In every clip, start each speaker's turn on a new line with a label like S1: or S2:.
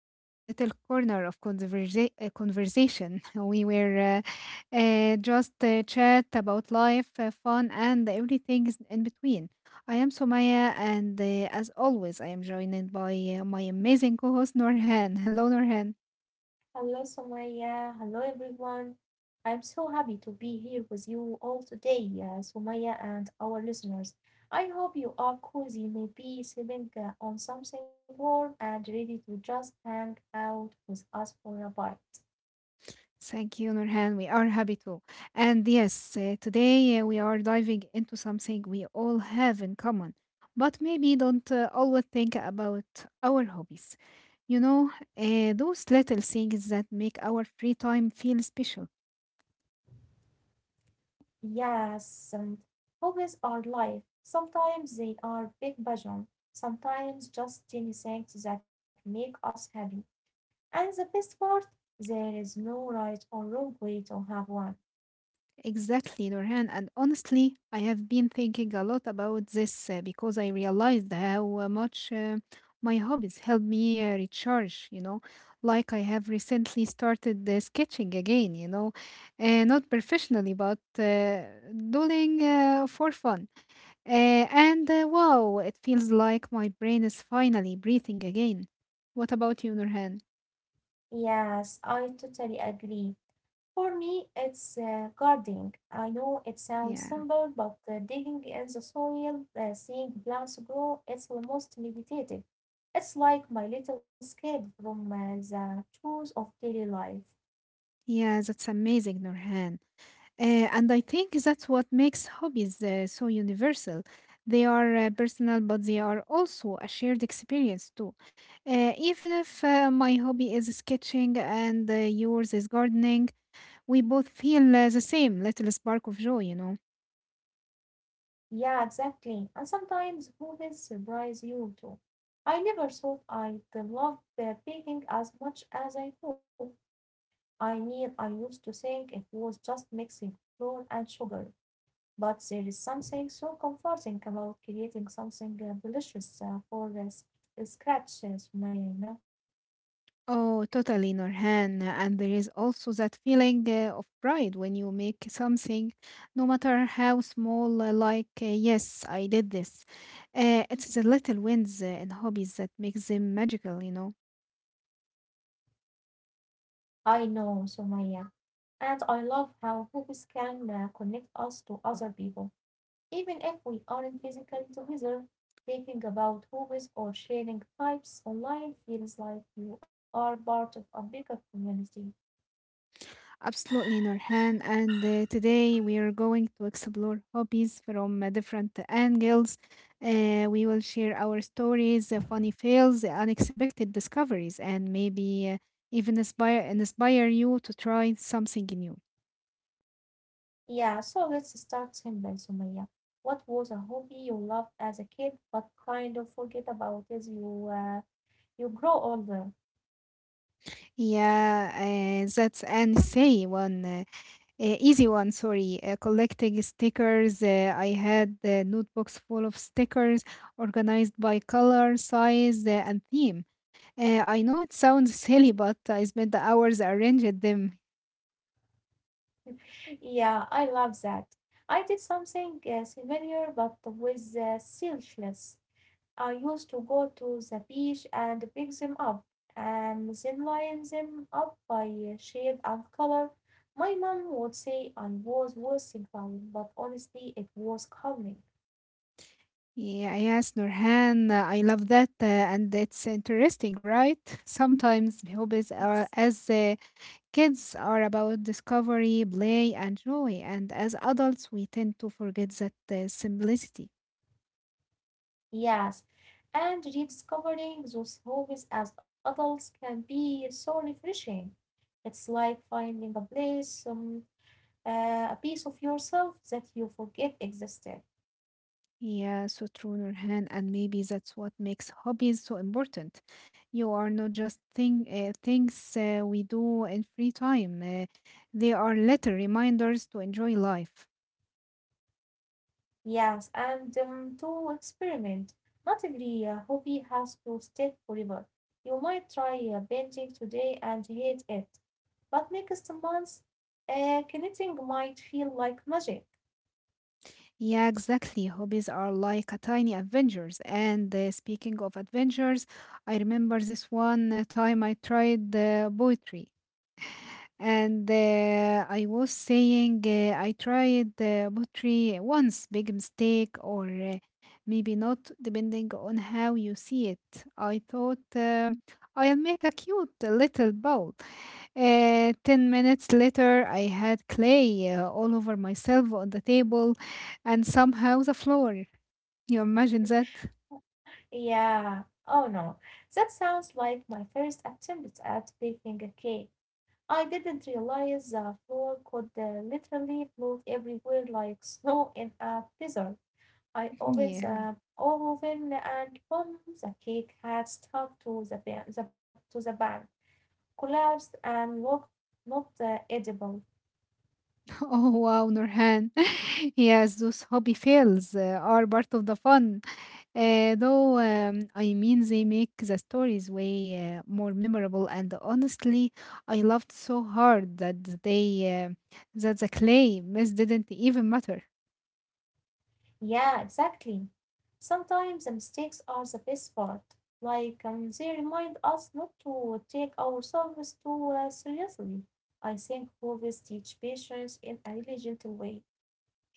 S1: to our little corner of conversation. We were just chat about life, fun, and everything is in between. I am Somaya, and as always, I am joined by my amazing co host, Norhan. Hello, Norhan.
S2: Hello, Somaya. Hello, everyone. I'm so happy to be here with you all today, Somaya and our listeners. I hope you are cozy, maybe sitting on something warm and ready to just hang out with us for a bite.
S1: Thank you, Nurhan. We are happy too. And yes, today we are diving into something we all have in common, but maybe don't always think about our hobbies. Those little things that make our free time feel special.
S2: Yes, hobbies are life. Sometimes they are big passion, sometimes just tiny things that make us happy. And the best part, there is no right or wrong way to have one.
S1: Exactly, Nurhan. And honestly, I have been thinking a lot about this because I realized how much my hobbies help me recharge, you know. Like I have recently started sketching again, you know, not professionally, but doing for fun. Uh, and wow, it feels like my brain is finally breathing again. What about you, Nurhan?
S2: Yes, I totally agree. For me, it's gardening. I know it sounds
S1: Yeah,
S2: simple, but digging in the soil, seeing plants grow, it's almost meditative. It's like my little escape from the chores of daily life.
S1: yeah, that's amazing, Nurhan. And I think that's what makes hobbies so universal. They are personal, but they are also a shared experience too. Even if my hobby is sketching and yours is gardening, we both feel the same little spark of joy, you know.
S2: Yeah, exactly. And sometimes hobbies surprise you too. I never thought I'd love baking as much as I do. I mean, I used to think it was just mixing flour and sugar. But there is something so comforting about creating something delicious for the scratch, Sumaya, you know.
S1: Oh, totally, Norhan. And there is also that feeling of pride when you make something, no matter how small, like, yes, I did this. It's the little wins in hobbies that makes them magical, you know.
S2: I know, Sumaya. And I love how hobbies can connect us to other people, even if we aren't physically together. Thinking about hobbies or sharing types online feels like you are part of a bigger community.
S1: Absolutely, Norhan. And today we are going to explore hobbies from different angles. We will share our stories, funny fails, unexpected discoveries, and maybe even inspire you to try something new.
S2: Yeah, so let's start simple, Sumaya. What was a hobby you loved as a kid but kind of forget about as you you grow older?
S1: Yeah, that's an easy one. Easy one, sorry. Collecting stickers. I had notebooks full of stickers organized by color, size, and theme. I know it sounds silly, but I spent the hours arranging them.
S2: Yeah, I love that. I did something similar but with seashells. I used to go to the beach and pick them up and then line them up by shape and color. My mom would say I was worse about, but honestly, it was calming.
S1: Yeah, yes, Nurhan, I love that, and it's interesting, right? Sometimes hobbies are as Kids are about discovery, play, and joy, and as adults, we tend to forget that simplicity.
S2: Yes, and rediscovering those hobbies as adults can be so refreshing. It's like finding a place, uh, a piece of yourself that you forget existed.
S1: Yeah, so true, Nurhan, and maybe that's what makes hobbies so important. You are not just things we do in free time. They are little reminders to enjoy life.
S2: Yes, and to experiment. Not every hobby has to stick forever. You might try painting today and hate it, but next month, knitting might feel like magic.
S1: Yeah, exactly. Hobbies are like a tiny adventures. And speaking of adventures, I remember this one time I tried poetry. And I was saying I tried pottery once, big mistake, or maybe not, depending on how you see it. I thought I'll make a cute little bowl. 10 minutes later, I had clay all over myself on the table and somehow the floor. You imagine that?
S2: Yeah. Oh no. That sounds like my first attempt at baking a cake. I didn't realize the flour could literally float everywhere like snow in a blizzard. I opened
S1: Yeah.
S2: the oven and boom, the cake had stuck to the pan, collapsed and looked not edible.
S1: Oh, wow, Nurhan. Yes, those hobby fails are part of the fun. Though I mean, they make the stories way more memorable, and honestly, I laughed so hard that the clay miss didn't even matter.
S2: Yeah, exactly. Sometimes the mistakes are the best part. Like, they remind us not to take ourselves too seriously. I think hobbies teach patience in a really gentle way.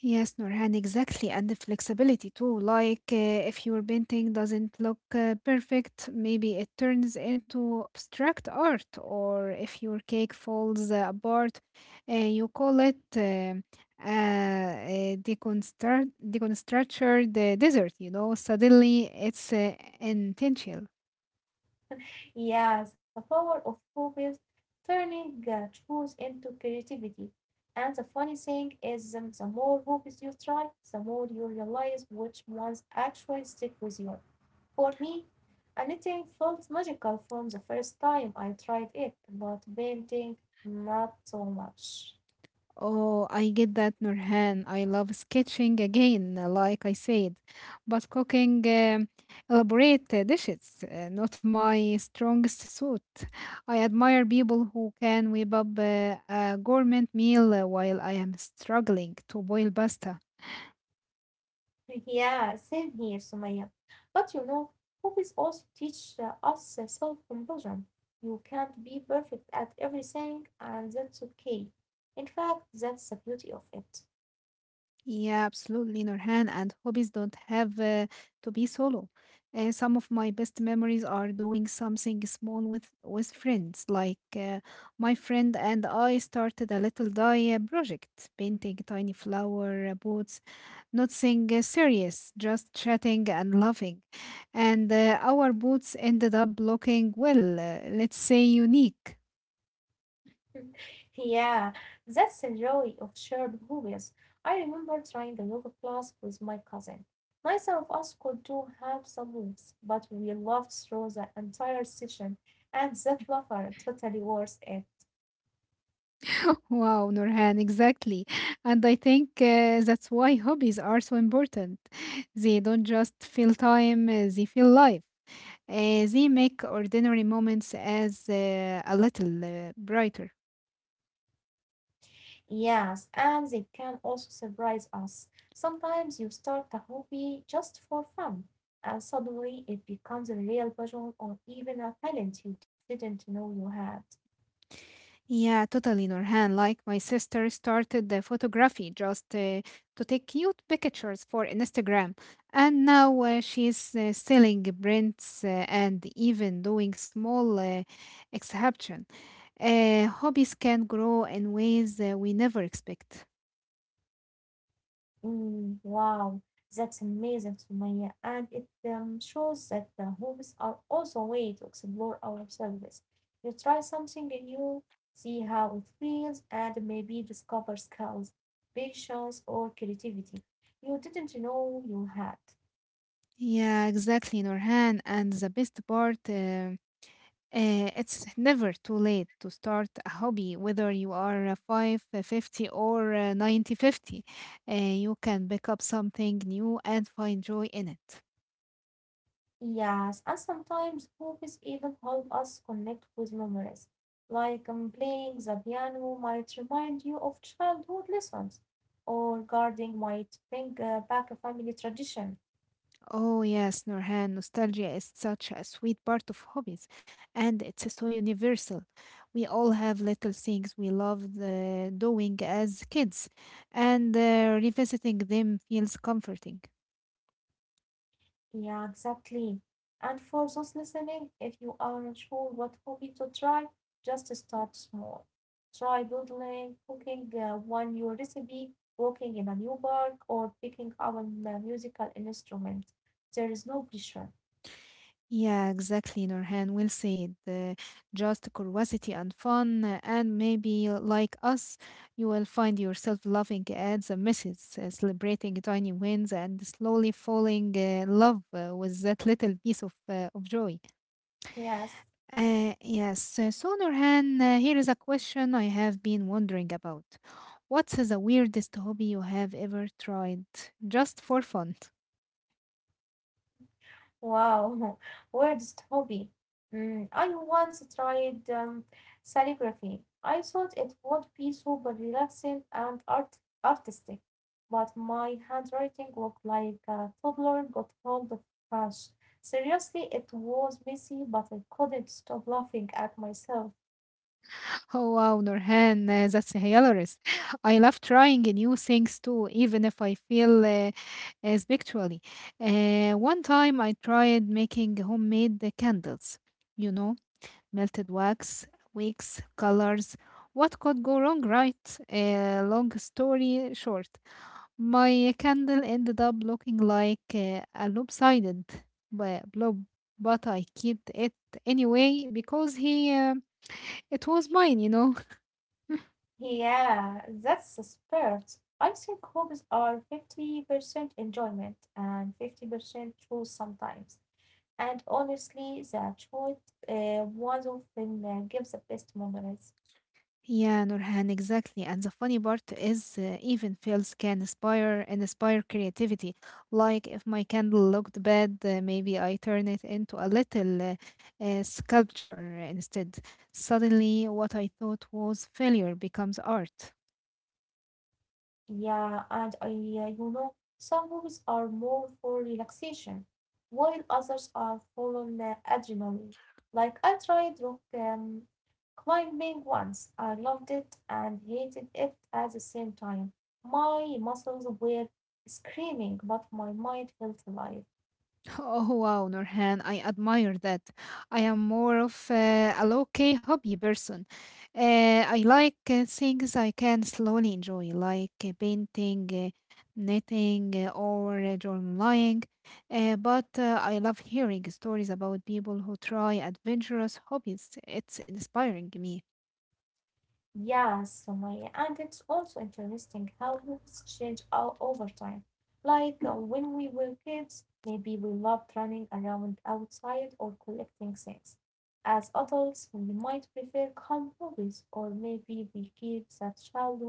S1: Yes, Nurhan, exactly. And the flexibility too. Like, if your painting doesn't look perfect, maybe it turns into abstract art. Or if your cake falls apart, you call it deconstru- deconstructured dessert. You know, suddenly it's intentional.
S2: Yeah, the power of hobbies turning chores into creativity. And the funny thing is, the more hobbies you try, the more you realize which ones actually stick with you. For me, a knitting felt magical from the first time I tried it, but painting not so much."
S1: Oh, I get that, Nurhan. I love sketching again, like I said, but cooking elaborate dishes, not my strongest suit. I admire people who can whip up a gourmet meal while I am struggling to boil pasta.
S2: "Yeah, same here, Sumaya. But you know, hobbies also teach us self composure. You can't be perfect at everything, and that's okay. In fact, that's the beauty of it.
S1: Yeah, absolutely, Nurhan. And hobbies don't have to be solo. Some of my best memories are doing something small with friends. Like, my friend and I started a little dye project, painting tiny flower pots, nothing serious, just chatting and laughing. And our boots ended up looking well, let's say unique.
S2: Yeah, that's the joy of shared movies. I remember trying the yoga class with my cousin. Neither of us could do half the moves, but we laughed through the entire session, and that laughter totally worth it.
S1: Wow, Nurhan, exactly. And I think that's why hobbies are so important. They don't just fill time, they fill life. They make ordinary moments as a little brighter.
S2: Yes, and they can also surprise us. Sometimes you start a hobby just for fun, and suddenly it becomes a real passion or even a talent you didn't know you had.
S1: Yeah, totally, Norhan. Like my sister started the photography just to take cute pictures for Instagram, and now she's selling prints and even doing small exhibition. Hobbies can grow in ways we never expect.
S2: Mm, wow, that's amazing, Sumaya. And it shows that the hobbies are also a way to explore ourselves. You try something new, see how it feels, and maybe discover skills, patience, or creativity you didn't know you had.
S1: Yeah, exactly, Norhan. And the best part. It's never too late to start a hobby, whether you are 5, 50, or 90, 50. You can pick up something new and find joy in it.
S2: Yes, and sometimes hobbies even help us connect with memories. Like playing the piano might remind you of childhood lessons, or gardening might bring back a family tradition.
S1: Oh, yes, Nurhan, nostalgia is such a sweet part of hobbies, and it's so universal. We all have little things we loved doing as kids, and revisiting them feels comforting.
S2: Yeah, exactly. And for those listening, if you aren't sure what hobby to try, just start small. Try doodling, cooking one new recipe, walking in a new park, or picking up a musical instrument. There is no pressure.
S1: Yeah, exactly, Nurhan. Well said. Just curiosity and fun, and maybe like us, you will find yourself loving ads and misses, celebrating tiny wins, and slowly falling in love with that little piece of joy.
S2: Yes.
S1: Yes. So, Nurhan, here is a question I have been wondering about. What's the weirdest hobby you have ever tried, just for fun?
S2: Wow, weirdest hobby. Mm, I once tried calligraphy. I thought it would be super relaxing and artistic, but my handwriting looked like a toddler got hold of a brush. Seriously, it was messy, but I couldn't stop laughing at myself.
S1: Oh wow, Nurhan, that's hilarious. I love trying new things too, even if I feel spiritually. One time I tried making homemade candles, you know, melted wax, wicks, colors. What could go wrong, right? Long story short, my candle ended up looking like a lopsided blob, but I kept it anyway because it was mine, you know.
S2: Yeah, that's the spirit. I think hobbies are 50% enjoyment and 50% truth sometimes. And honestly, the choice was often gives the best memories.
S1: Yeah, Nurhan, exactly. And the funny part is, even fails can inspire creativity. Like if my candle looked bad, maybe I turn it into a little sculpture instead. Suddenly, what I thought was failure becomes art.
S2: Yeah, and you know, some movies are more for relaxation, while others are full on adrenaline. Like I tried rock climbing once. I loved it and hated it at the same time. My muscles were screaming, but my mind felt alive.
S1: Oh wow, Norhan, I admire that. I am more of a low-key hobby person. I like things I can slowly enjoy, like painting, knitting, or journaling. But I love hearing stories about people who try adventurous hobbies. It's inspiring me.
S2: Yeah, Sumaya, and it's also interesting how hobbies change all over time. Like when we were kids, maybe we loved running around outside or collecting things. As adults, we might prefer calm hobbies, or maybe we keep that childhood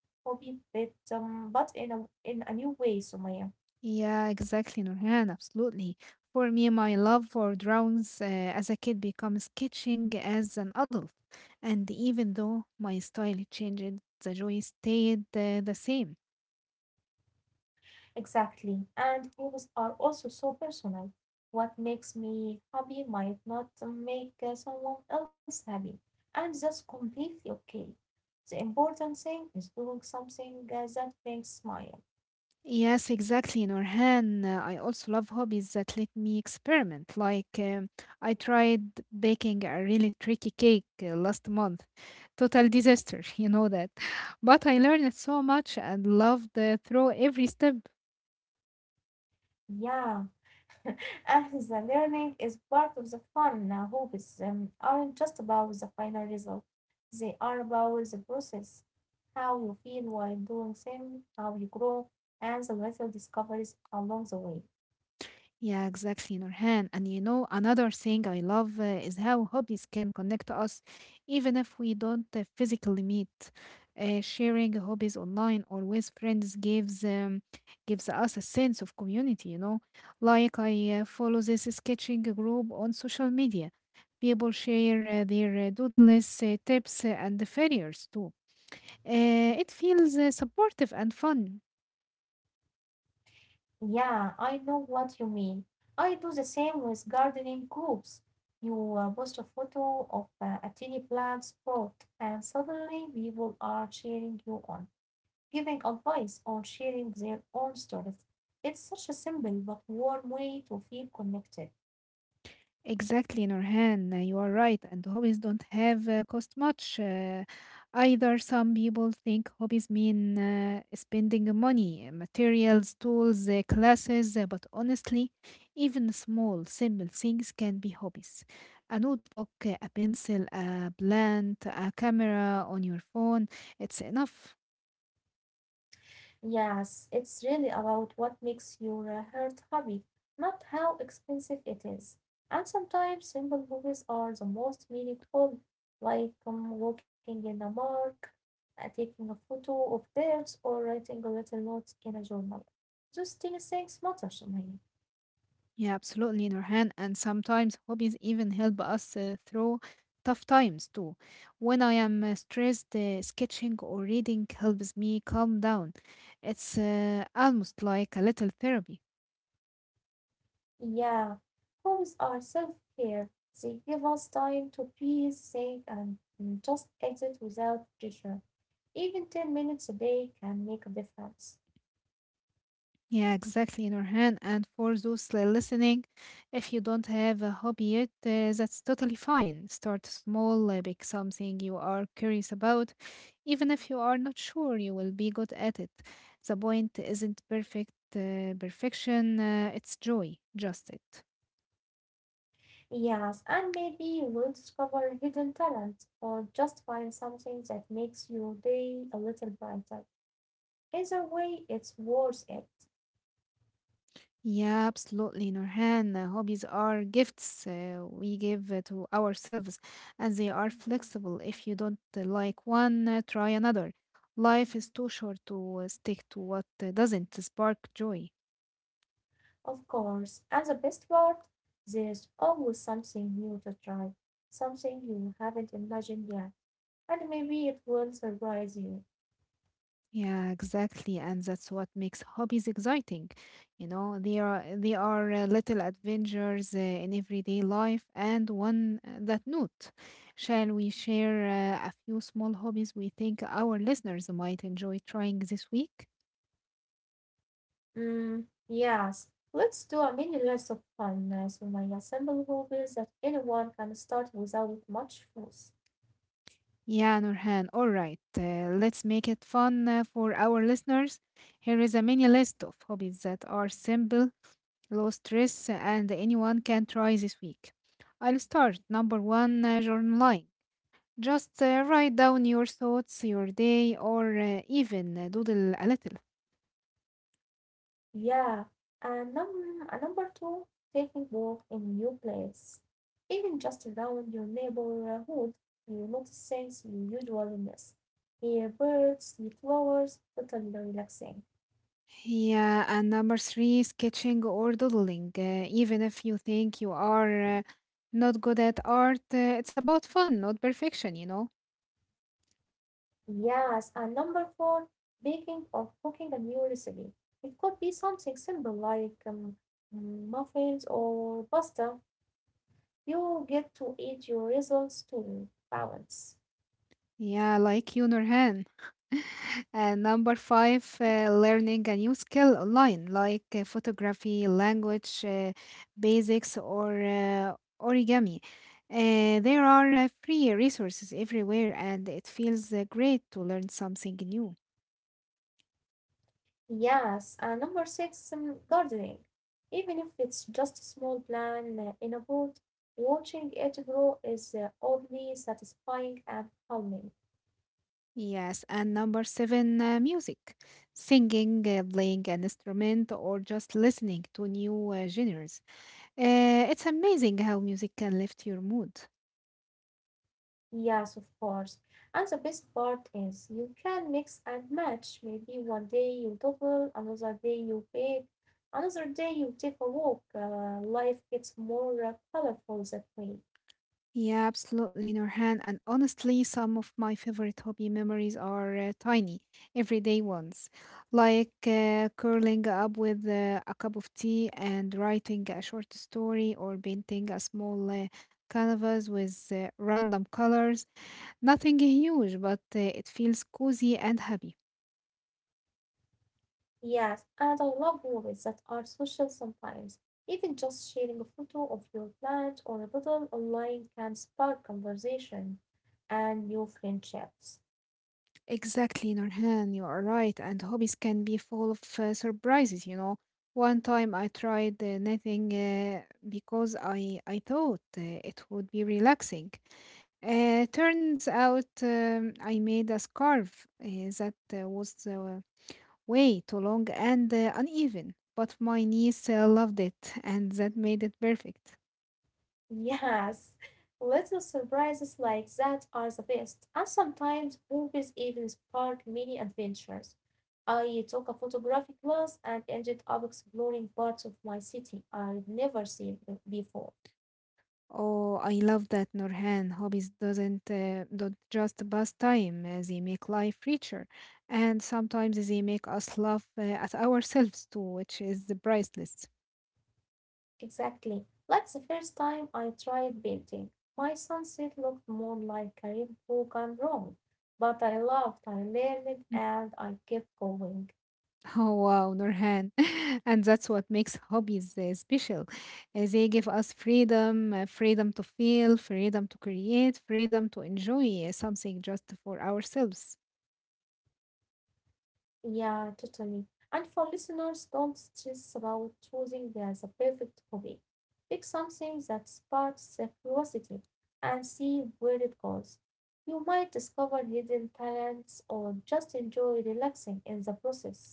S2: hobby, but in a new way, Sumaya.
S1: Yeah, exactly, Nurhan, absolutely. For me, my love for drawings as a kid becomes sketching as an adult. And even though my style changed, the joy stayed the same.
S2: Exactly. And hobbies are also so personal. What makes me happy might not make someone else happy, and that's completely okay. The important thing is doing something that brings smile.
S1: Yes, exactly, Nurhan. I also love hobbies that let me experiment. Like, I tried baking a really tricky cake last month. Total disaster, you know that. But I learned so much and loved through every step.
S2: Yeah, and the learning is part of the fun. Now, hobbies aren't just about the final result; they are about the process, how you feel while doing them, how you grow, and the little discoveries along the way.
S1: Yeah, exactly, Nurhan. And you know, another thing I love is how hobbies can connect us, even if we don't physically meet. Sharing hobbies online or with friends gives gives us a sense of community. You know, like I follow this sketching group on social media. People share their doodles, tips, and the failures too. It feels supportive and fun.
S2: Yeah, I know what you mean. I do the same with gardening groups. You post a photo of a tiny plant spot, and suddenly people are cheering you on, giving advice or sharing their own stories. It's such a simple but warm way to feel connected.
S1: Exactly, Nurhan. You are right, and hobbies don't have cost much either. Some people think hobbies mean spending money, materials, tools, classes, but honestly, even small, simple things can be hobbies. A notebook, a pencil, a plant, a camera on your phone, it's enough.
S2: Yes, it's really about what makes your heart happy, not how expensive it is. And sometimes simple hobbies are the most meaningful, like walking in a park, taking a photo of birds, or writing a little note in a journal. Those tiny things matter to me.
S1: Yeah, absolutely, Nurhan. And sometimes hobbies even help us through tough times too. When I am stressed, sketching or reading helps me calm down. It's almost like a little therapy.
S2: Yeah, hobbies are self-care. They give us time to breathe, think, and just exit without pressure. Even 10 minutes a day can make a difference.
S1: Yeah, exactly, Nurhan. And for those listening, if you don't have a hobby yet, that's totally fine. Start small, pick something you are curious about, even if you are not sure you will be good at it. The point isn't perfection, it's joy, just it.
S2: Yes, and maybe you will discover a hidden talent or just find something that makes your day a little brighter. Either way, it's worth it,
S1: Yeah, absolutely, Nurhan. Hobbies are gifts we give to ourselves, and they are flexible. If you don't like one, try another. Life is too short to stick to what doesn't spark joy.
S2: of course. And the best part, there's always something new to try, something you haven't imagined yet, and maybe it will surprise you.
S1: Yeah, exactly, and that's what makes hobbies exciting. You know, they are little adventures in everyday life, and one that note. Shall we share a few small hobbies we think our listeners might enjoy trying this week?
S2: Mm, yes, let's do a mini list of fun, Sumaya, simple hobbies that anyone can start without much fuss.
S1: Yeah, Nurhan. All right, let's make it fun for our listeners. Here is a mini list of hobbies that are simple, low stress, and anyone can try this week. I'll start number one, journaling. Just write down your thoughts, your day, or even doodle a little.
S2: Yeah, and number two, taking walk in new place, even just around your neighborhood, you notice things you usually miss. Hear birds, see flowers, totally relaxing.
S1: Yeah, and number three, sketching or doodling. Even if you think you are not good at art, it's about fun, not perfection, you know?
S2: Yes, and number four, baking or cooking a new recipe. It could be something simple like muffins or pasta. You get to eat your results to balance.
S1: Yeah, like you, Nurhan. And number five, learning a new skill online, like photography, language, basics, or origami. There are free resources everywhere, and it feels great to learn something new.
S2: Yes, and number six, gardening. Even if it's just a small plant in a pot, watching it grow is oddly satisfying and calming.
S1: Yes, and number seven, music, singing, playing an instrument, or just listening to new genres. It's amazing how music can lift your mood.
S2: Yes, of course. And the best part is you can mix and match. Maybe one day you double, another day you bake, another day you take a walk. Life gets more colorful that way.
S1: Yeah, absolutely, Norhan. And honestly, some of my favorite hobby memories are tiny, everyday ones, like curling up with a cup of tea and writing a short story or painting a small canvas with random colors. Nothing huge, but it feels cozy and happy.
S2: Yes, and I love movies that are social sometimes. Even just sharing a photo of your plant or a bottle online can spark conversation and new friendships.
S1: Exactly, Nurhan, you are right. And hobbies can be full of surprises. One time I tried knitting because I thought it would be relaxing. Turns out I made a scarf that was way too long and uneven, but my niece loved it, and that made it perfect.
S2: Yes, little surprises like that are the best. And sometimes movies even spark mini adventures. I took a photography class and ended up exploring parts of my city I'd never seen before.
S1: Oh, I love that, Norhan. Hobbies doesn't don't just pass time; they make life richer, and sometimes they make us laugh at ourselves too, which is priceless.
S2: Exactly. Like the first time I tried painting, my sunset looked more like a rainbow gone wrong. But I loved, I learned,
S1: Mm.
S2: and I kept going.
S1: Oh wow, Norhan, and that's what makes hobbies special. They give us freedom, freedom to feel, freedom to create, freedom to enjoy something just for ourselves.
S2: Yeah, totally. And for listeners, don't stress about choosing the perfect hobby. Pick something that sparks the curiosity and see where it goes. You might discover hidden talents or just enjoy relaxing in the process.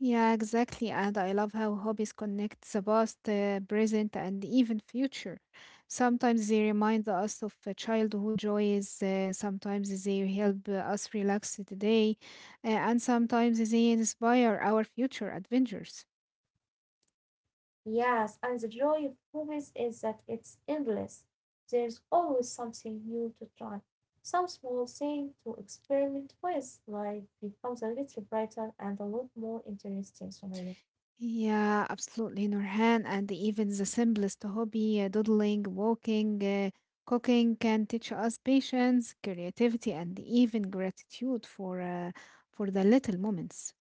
S1: Yeah, exactly. And I love how hobbies connect the past, present, and even future. Sometimes they remind us of childhood joys, sometimes they help us relax today, and sometimes they inspire our future adventures.
S2: Yes, and the joy of movies is that it's endless. There's always something new to try, some small thing to experiment with. Life becomes a little brighter and a lot more interesting, Sumaya.
S1: Yeah, absolutely, Nurhan. And even the simplest hobby, doodling, walking, cooking, can teach us patience, creativity, and even gratitude for the little moments.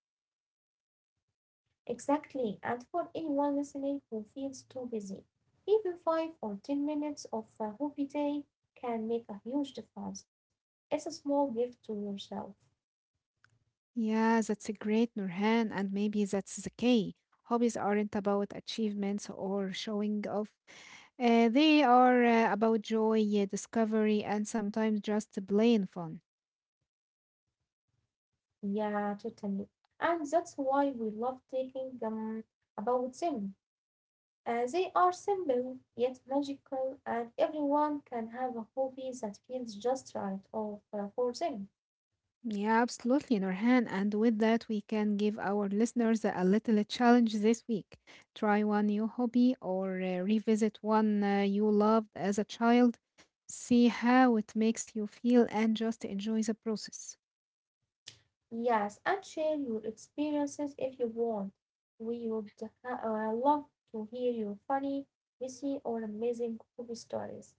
S2: Exactly, and for anyone listening who feels too busy, even 5 or 10 minutes of a hobby day can make a huge difference. It's a small gift to yourself.
S1: Yeah, that's a great, Nurhan, and maybe that's the key. Hobbies aren't about achievements or showing off. They are about joy, discovery, and sometimes just plain fun.
S2: Yeah, totally. And that's why we love taking about them. They are simple yet magical, and everyone can have a hobby that feels just right of, for them.
S1: Yeah, absolutely, Nurhan. And with that, we can give our listeners a little challenge this week. Try one new hobby or revisit one you loved as a child. See how it makes you feel and just enjoy the process.
S2: Yes, and share your experiences if you want. We would love to hear your funny, messy, or amazing hobby stories.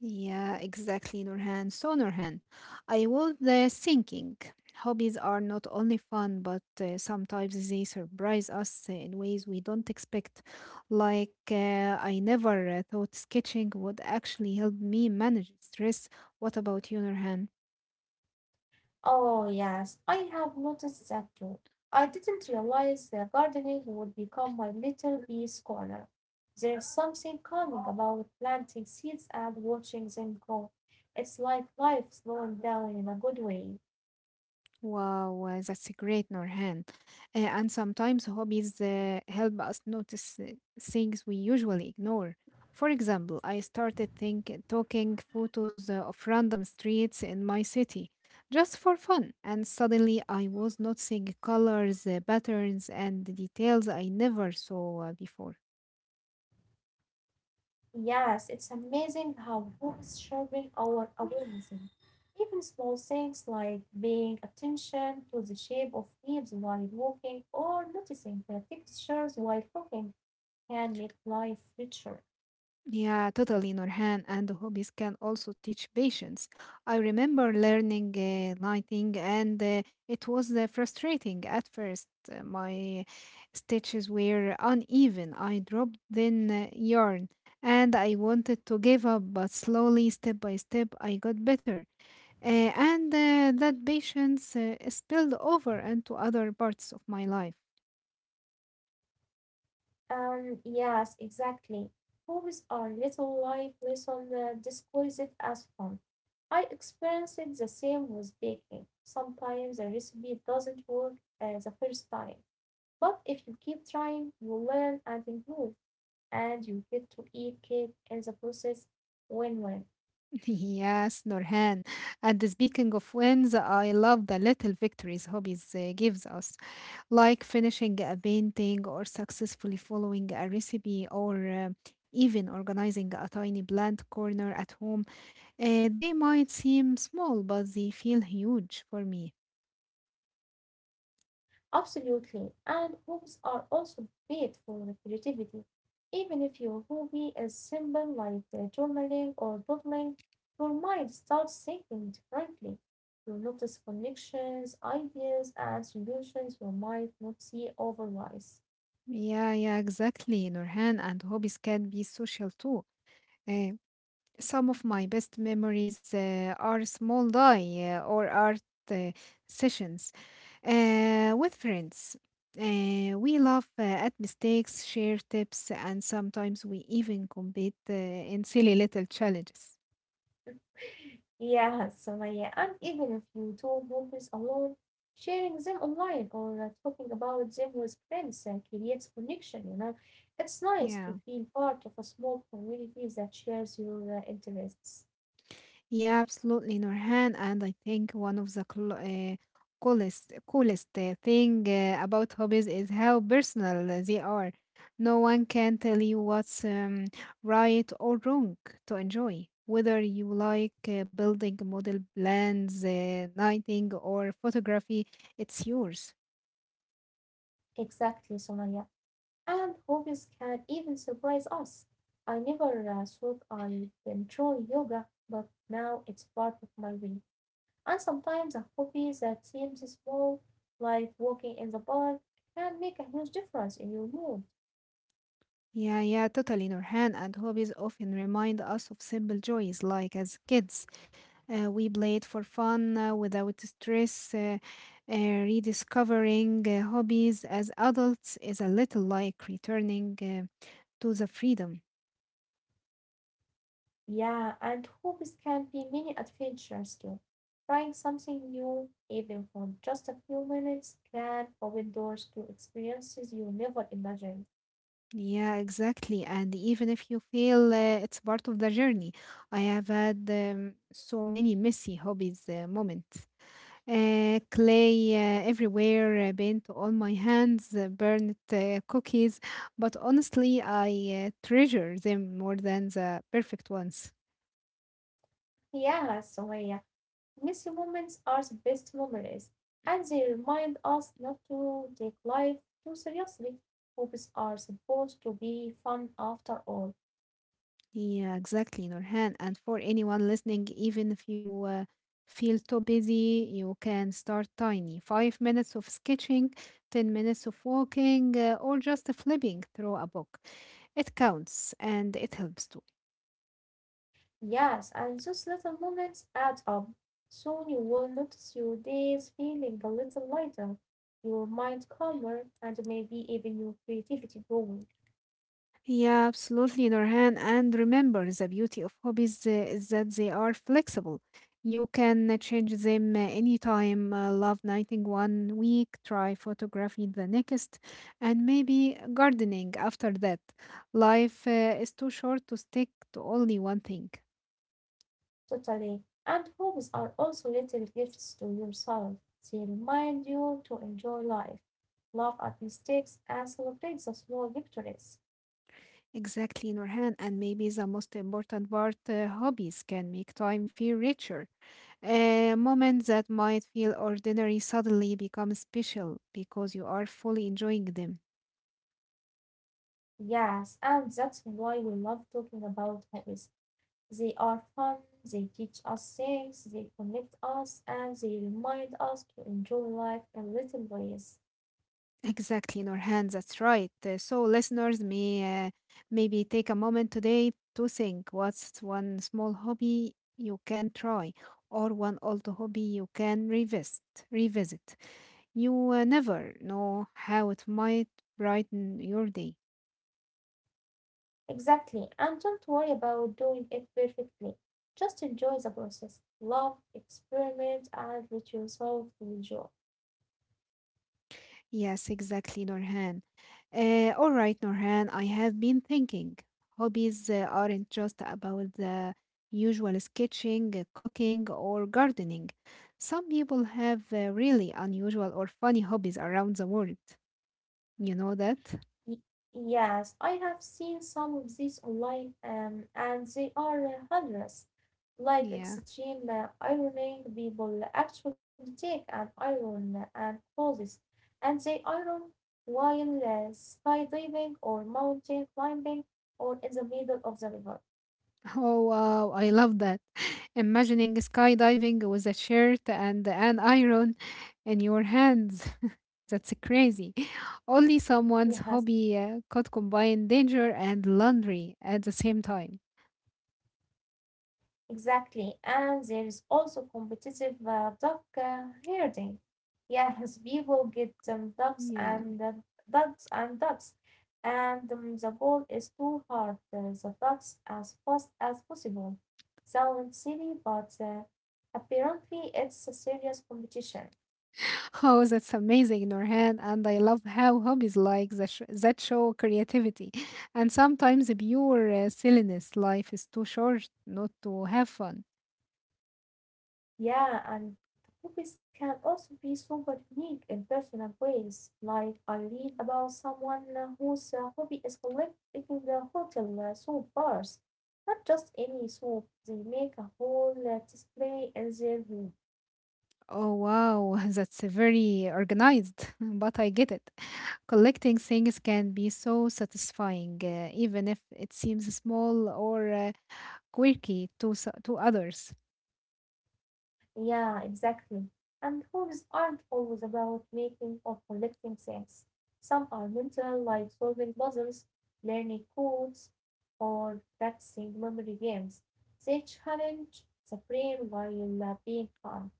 S1: Yeah, exactly, Nurhan. So, Nurhan, I was thinking hobbies are not only fun, but sometimes they surprise us in ways we don't expect. Like, I never thought sketching would actually help me manage stress. What about you, Nurhan?
S2: Oh, yes, I have noticed that too. I didn't realize that gardening would become my little peace corner. There's something calming about planting seeds and watching them grow. It's like life slowing down in a good way.
S1: Wow, that's great, Norhan. And sometimes hobbies help us notice things we usually ignore. For example, I started think taking photos of random streets in my city just for fun, and suddenly I was noticing colors, patterns, and details I never saw before.
S2: Yes, it's amazing how books sharpen our awareness. Even small things like paying attention to the shape of leaves while walking or noticing the textures while cooking can make life richer.
S1: Yeah, totally, Nurhan. And hobbies can also teach patience. I remember learning lighting, and it was frustrating at first. My stitches were uneven. I dropped thin yarn, and I wanted to give up, but slowly, step by step, I got better. Uh, and that patience spilled over into other parts of my life.
S2: Yes, exactly. Hobbies are little life lessons disguised as fun. I experienced the same with baking. Sometimes a recipe doesn't work the first time, but if you keep trying, you will learn and improve, and you get to eat cake in the process. Win-win.
S1: Yes, Nurhan. And speaking of wins, I love the little victories hobbies gives us, like finishing a painting or successfully following a recipe or even organizing a tiny plant corner at home. They might seem small, but they feel huge for me.
S2: Absolutely. And homes are also great for creativity. Even if your hobby is simple like journaling or doodling, your mind starts thinking differently. You notice connections, ideas, and solutions you might not see otherwise.
S1: Yeah, yeah, exactly, Nurhan. And hobbies can be social too. Uh, some of my best memories are small die or art uh, sessions with friends, we laugh at mistakes, share tips, and sometimes we even compete in silly little challenges.
S2: Yeah, Samaya, and even if you do movies alone, sharing them online or talking about them with friends creates connection, you know. It's nice
S1: Yeah.
S2: to feel part of a small community that shares your interests.
S1: Yeah, absolutely, Norhan. And I think one of the coolest thing about hobbies is how personal they are. No one can tell you what's right or wrong to enjoy. Whether you like building model plans, knitting, or photography, it's yours.
S2: Exactly, Somaya. And hobbies can even surprise us. I never thought I'd enjoy yoga, but now it's part of my week. And sometimes a hobby that seems small, like walking in the park, can make a huge difference in your mood.
S1: Yeah, yeah, totally, Norhan. And hobbies often remind us of simple joys, like as kids we played for fun without stress. Uh, Rediscovering hobbies as adults is a little like returning to the freedom.
S2: Yeah, and hobbies can be mini adventures too. Trying something new, even for just a few minutes, can open doors to experiences you never imagined.
S1: Yeah, exactly. And even if you fail, it's part of the journey. I have had so many messy hobbies moments. Clay everywhere, paint on my hands, burnt cookies. But honestly, I treasure them more than the perfect ones.
S2: Yeah, Sumaya, messy moments are the best memories, and they remind us not to take life too seriously. Hobbies are supposed to be fun after all.
S1: Yeah, exactly, Nurhan. And for anyone listening, even if you feel too busy, you can start tiny. 5 minutes of sketching, 10 minutes of walking, or just flipping through a book. It counts and it helps too.
S2: Yes, and those little moments add up. Soon you will notice your days feeling a little lighter, your mind calmer, and maybe even your creativity growing.
S1: Yeah, absolutely, Nurhan. And remember, the beauty of hobbies is that they are flexible. You can change them anytime. Love knitting one week, try photography the next, and maybe gardening after that. Life is too short to stick to only one thing.
S2: Totally. And hobbies are also little gifts to yourself. They remind you to enjoy life, laugh at mistakes, and celebrate the small victories.
S1: Exactly, Nurhan. And maybe the most important part, hobbies can make time feel richer. A moment that might feel ordinary suddenly becomes special because you are fully enjoying them.
S2: Yes, and that's why we love talking about hobbies. They are fun, they teach us things, they connect us, and they remind us to enjoy life in little ways.
S1: Exactly, Norhan, that's right. So, listeners maybe take a moment today to think what's one small hobby you can try or one old hobby you can revisit. You never know how it might brighten your day.
S2: Exactly, and don't worry about doing it perfectly. Just enjoy the process, love, experiment, and let yourself enjoy.
S1: Yes, exactly, Norhan. All right, Norhan, I have been thinking. Hobbies aren't just about the usual sketching, cooking, or gardening. Some people have really unusual or funny hobbies around the world. You know that?
S2: Y- Yes, I have seen some of these online, and they are hundreds. Like
S1: Yeah.
S2: extreme ironing, people actually take an iron and clothes, and they iron while skydiving or mountain climbing or in the middle of the river.
S1: Oh wow, I love that. Imagining skydiving with a shirt and an iron in your hands. That's crazy. Only
S2: Yes.
S1: someone's hobby could combine danger and laundry at the same time.
S2: Exactly. And there is also competitive duck herding. Yes, people get ducks and
S1: Yeah.
S2: ducks and ducks. And the goal is to herd the ducks as fast as possible. Sounds silly, but apparently it's a serious competition.
S1: Oh, that's amazing, Norhan. And I love how hobbies like that, that show creativity and sometimes pure silliness. Life is too short not to have fun.
S2: Yeah, and hobbies can also be super unique in personal ways. Like I read about someone whose hobby is collecting the hotel soap bars. Not just any soap, they make a whole display in their room.
S1: Oh wow, that's very organized, but I get it. Collecting things can be so satisfying, even if it seems small or quirky to to others.
S2: Yeah, exactly. And hobbies aren't always about making or collecting things. Some are mental, like solving puzzles, learning codes, or practicing memory games. They challenge the brain while being fun.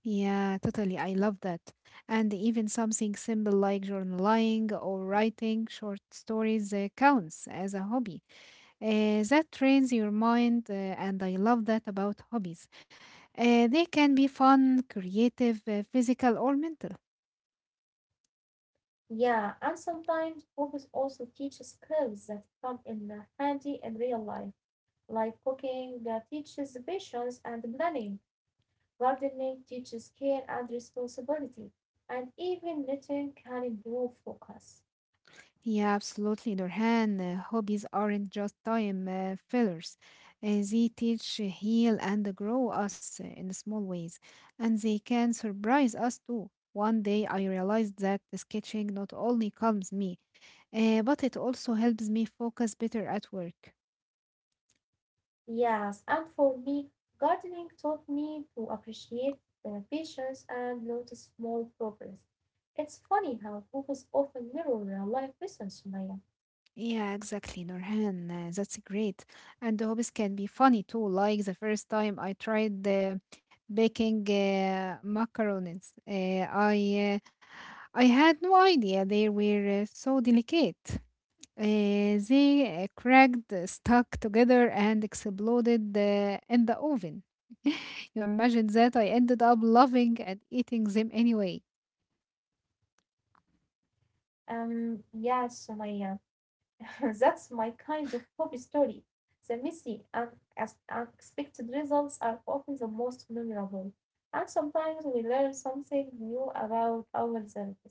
S1: Yeah, totally. I love that. And even something simple like journaling or writing short stories counts as a hobby. That trains your mind, and I love that about hobbies. They can be fun, creative, physical, or mental.
S2: Yeah, and sometimes hobbies also teach skills that come in handy in real life, like cooking teaches patience and planning. Gardening teaches care and responsibility, and even knitting can improve focus.
S1: Yeah, absolutely, Nurhan. Hobbies aren't just time fillers. They teach, heal, and grow us in small ways, and they can surprise us too. One day I realized that the sketching not only calms me, but it also helps me focus better at work.
S2: Yes, and for me, gardening taught me to appreciate the patience and notice small progress. It's funny how books often mirror real life lessons, Sumaya.
S1: Yeah, exactly, Nurhan. That's great. And the hobbies can be funny too. Like the first time I tried the baking macarons, I had no idea they were so delicate. They cracked, stuck together, and exploded in the oven. You imagine that I ended up loving and eating them anyway.
S2: Yes, Sumaya. That's my kind of hobby story. The messy and unexpected results are often the most memorable. And sometimes we learn something new about ourselves.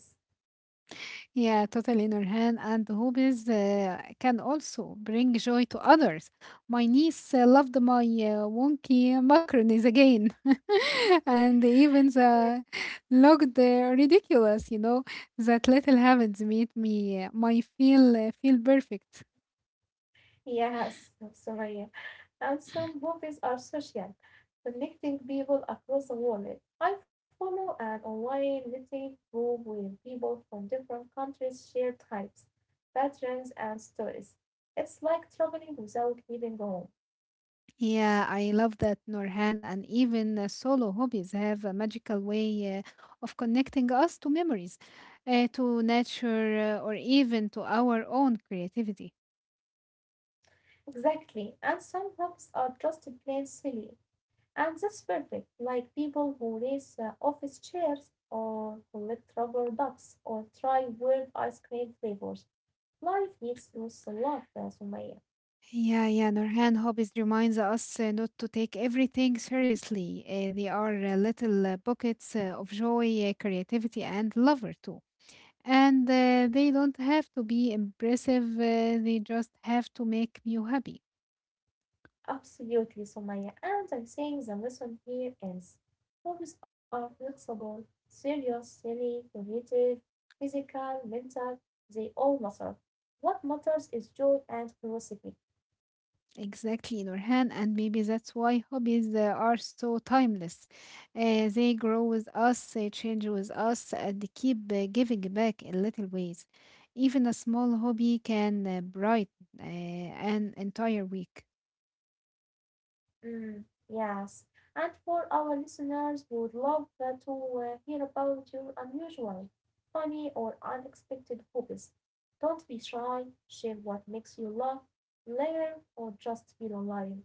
S1: Yeah, totally, Nurhan. And hobbies can also bring joy to others. My niece loved my wonky macaronis again, and even
S2: Yeah.
S1: the looked ridiculous. You know that little habits made me my feel perfect.
S2: Yes, Soraya. And some movies are social, connecting people across the world. I follow an online knitting group where people from different countries share types, patterns, and stories. It's like traveling without leaving home.
S1: Yeah, I love that, Nurhan. And even solo hobbies have a magical way of connecting us to memories, to nature, or even to our own creativity.
S2: Exactly. And some hobbies are just plain silly. And that's perfect. Like people who race office chairs or collect rubber ducks or try weird ice cream flavors. Life needs those laughter, Sumaya.
S1: Yeah, yeah, Nurhan, hobbies reminds us not to take everything seriously. They are little pockets of joy, creativity, and lover too. And they don't have to be impressive. They just have to make you happy.
S2: Absolutely, Sumaya. And I think the lesson here is hobbies are flexible, serious, silly, creative, physical, mental. They all matter. What matters is joy and curiosity.
S1: Exactly, in our hand, and maybe that's why hobbies are so timeless. They grow with us, they change with us, and they keep giving back in little ways. Even a small hobby can brighten an entire week.
S2: Mm, yes, and for our listeners would love to hear about your unusual, funny, or unexpected hobbies. Don't be shy, share what makes you laugh, laugh, or just feel alive.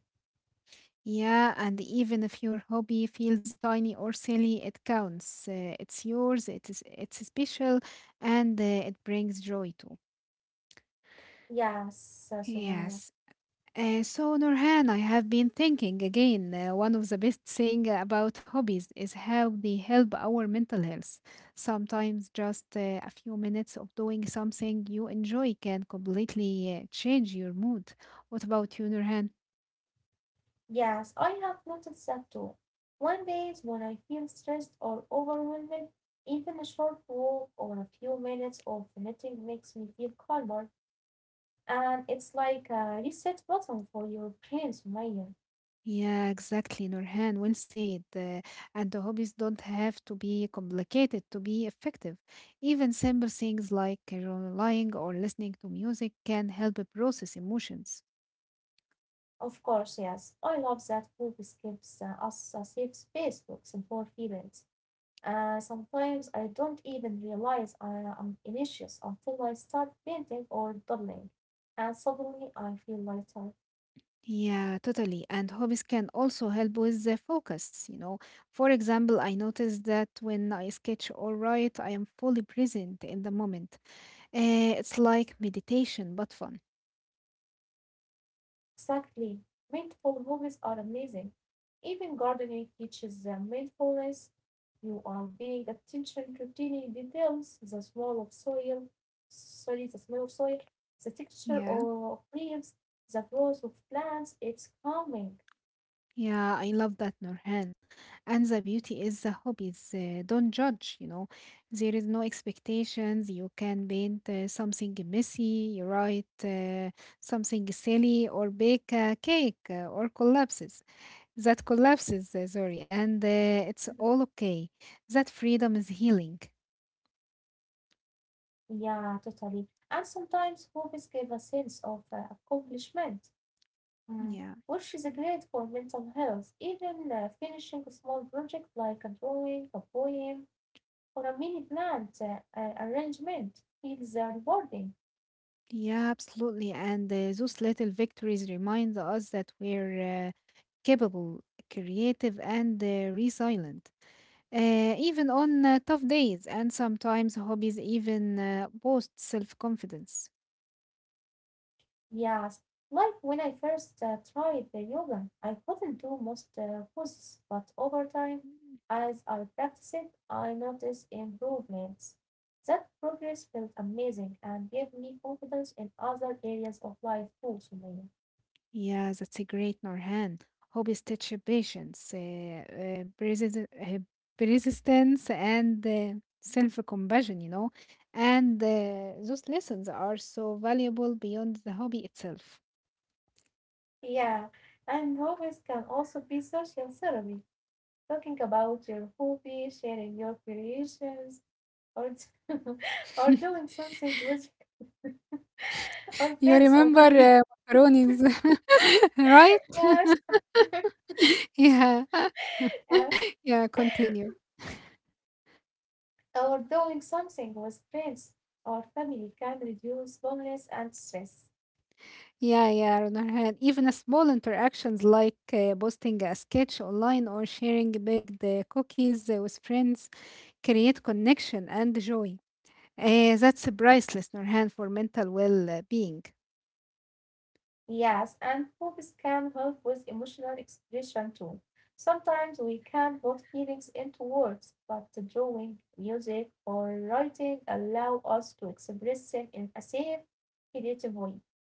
S1: Yeah, and even if your hobby feels tiny or silly, it counts. It's yours, it is, it's special, and it brings joy too.
S2: Yes, Sumaya.
S1: Yes, so, Nurhan, I have been thinking again. One of the best things about hobbies is how they help our mental health. Sometimes just a few minutes of doing something you enjoy can completely change your mood. What about you, Nurhan?
S2: Yes, I have noticed that too. One days when I feel stressed or overwhelmed, even a short walk or a few minutes of knitting makes me feel calmer. And it's like a reset button for your brain, Sumaya.
S1: Yeah, exactly, Norhan. Well said. And the hobbies don't have to be complicated to be effective. Even simple things like journaling or listening to music can help process emotions.
S2: Of course, yes. I love that books gives us a safe space to explore feelings. Sometimes I don't even realize I am anxious until I start painting or doodling, and suddenly I feel lighter.
S1: Yeah, totally. And hobbies can also help with the focus. For example, I notice that when I sketch or write, I am fully present in the moment. It's like meditation, but fun.
S2: Exactly. Mindful moments are amazing. Even gardening teaches mindfulness. You are paying attention to tiny details, the smell of soil, sorry, the smell of soil, the texture
S1: Yeah,
S2: of leaves, the growth of plants. It's calming.
S1: yeah, I love that, Nurhan. And the beauty is the hobbies don't judge. There is no expectations. You can paint something messy, you write something silly, or bake a cake or collapses. That collapses, sorry, and it's
S2: Mhm.
S1: all okay. That freedom is healing.
S2: Yeah, totally. And sometimes hobbies give a sense of accomplishment, mm,
S1: Yeah,
S2: which is great for mental health. Even finishing a small project like a drawing, a poem, or a mini plant arrangement. Feels rewarding.
S1: yeah, absolutely. And those little victories remind us that we're capable, creative, and resilient, even on tough days. And sometimes hobbies even boost self confidence.
S2: Yes, like when I first tried the yoga, I couldn't do most poses, but over time, as I practiced, I noticed improvements. That progress felt amazing and gave me confidence in other areas of life too, Sumaya.
S1: Yeah, that's a great Norhan. Hobbies teach patience, uh, persistence, and self-compassion, you know. And those lessons are so valuable beyond the hobby itself.
S2: Yeah, and hobbies can also be social therapy. Talking about your hobby, sharing your creations, or or doing something with or
S1: You
S2: friends or
S1: remember
S2: family.
S1: macaronis, right?
S2: Yes,
S1: Yeah,
S2: yes.
S1: yeah, continue.
S2: Or doing something with friends or family can reduce loneliness and stress.
S1: Yeah, yeah, on even a small interactions like posting a sketch online or sharing baked cookies with friends create connection and joy. Eh, that's priceless, Nurhan, for mental well being.
S2: Yes, and hobbies can help with emotional expression too. Sometimes we can't put feelings into words, but drawing, music, or writing allow us to express them in a safe, creative way.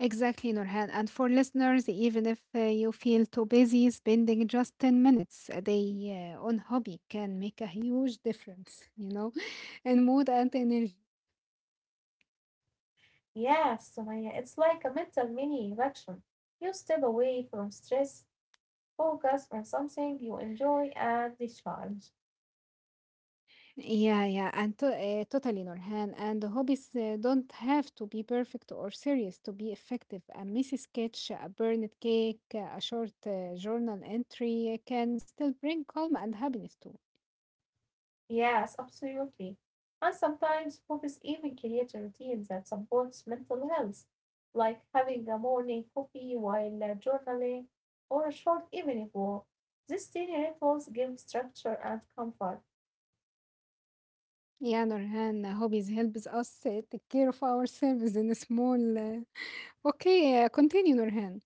S1: Exactly, Nurhan. And for listeners, even if you feel too busy, spending just 10 minutes a day on hobby can make a huge difference, in mood and energy.
S2: Yes, Sumaya, it's like a mental mini election. You step away from stress, focus on something you enjoy, and recharge.
S1: Yeah, yeah, and totally, Nurhan. And the hobbies don't have to be perfect or serious to be effective. A messy sketch, a burned cake, a short journal entry can still bring calm and happiness too.
S2: Yes, absolutely. And sometimes hobbies even create a routine that supports mental health, like having a morning coffee while journaling or a short evening walk. These tiny rituals give structure and comfort.
S1: Yeah, Nurhan, hobbies helps us take care of ourselves in a small. Okay, continue, Nurhan.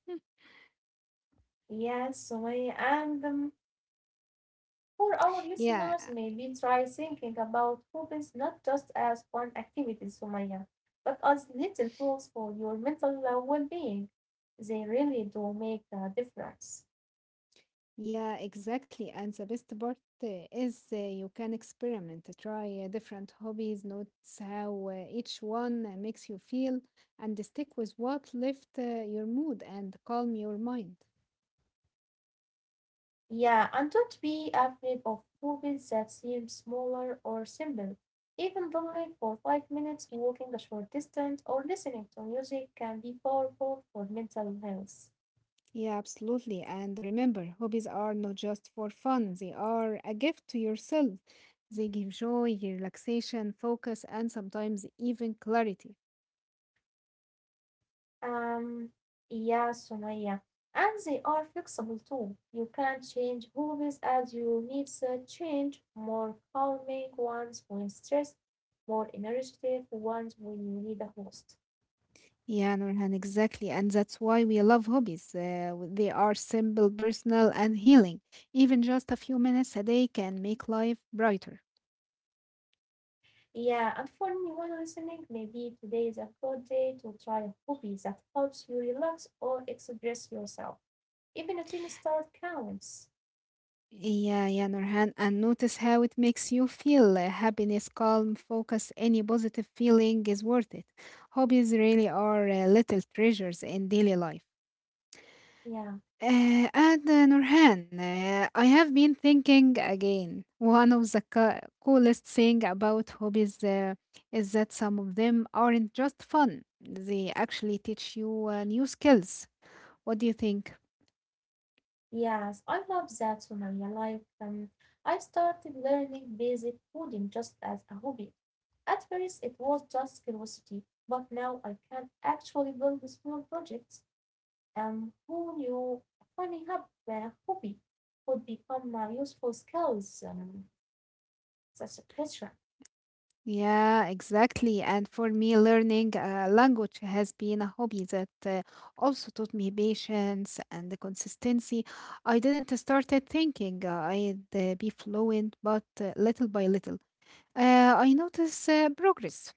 S2: Yes, Sumaya, and for our listeners,
S1: Yeah,
S2: maybe try thinking about hobbies not just as fun activities, Sumaya, but as little tools for your mental well being. They really do make a difference.
S1: yeah, exactly. And the best part is you can experiment, try different hobbies, notice how each one makes you feel, and stick with what lift your mood and calm your mind.
S2: Yeah, and don't be afraid of hobbies that seem smaller or simple. Even bowling for 5 minutes, walking a short distance, or listening to music can be powerful for mental health.
S1: Yeah, absolutely. And remember, hobbies are not just for fun, they are a gift to yourself. They give joy, relaxation, focus, and sometimes even clarity.
S2: Um, yeah, Sumaya. And they are flexible too. You can change hobbies as your needs change. More calming ones when stressed, more energetic ones when you need a host.
S1: Yeah, Nurhan, exactly. And that's why we love hobbies. They are simple, personal, and healing. Even just a few minutes a day can make life brighter.
S2: Yeah, and for anyone listening, maybe today is a good day to try a hobby that helps you relax or express yourself. Even a tiny start counts.
S1: Yeah, yeah, Nurhan, and notice how it makes you feel. Happiness, calm, focus, any positive feeling is worth it. Hobbies really are little treasures in daily life.
S2: Yeah.
S1: And Nurhan, I have been thinking again. One of the coolest thing about hobbies is that some of them aren't just fun. They actually teach you new skills. What do you think?
S2: Yes, I love that, Sumaya. Like, I started learning basic coding just as a hobby. At first, it was just curiosity, but now I can actually build small projects. Who knew a hobby could become a useful skills? That's a question.
S1: Yeah, exactly. And for me, learning a language has been a hobby that also taught me patience and the consistency. I didn't started thinking I'd be fluent, but little by little, I notice progress.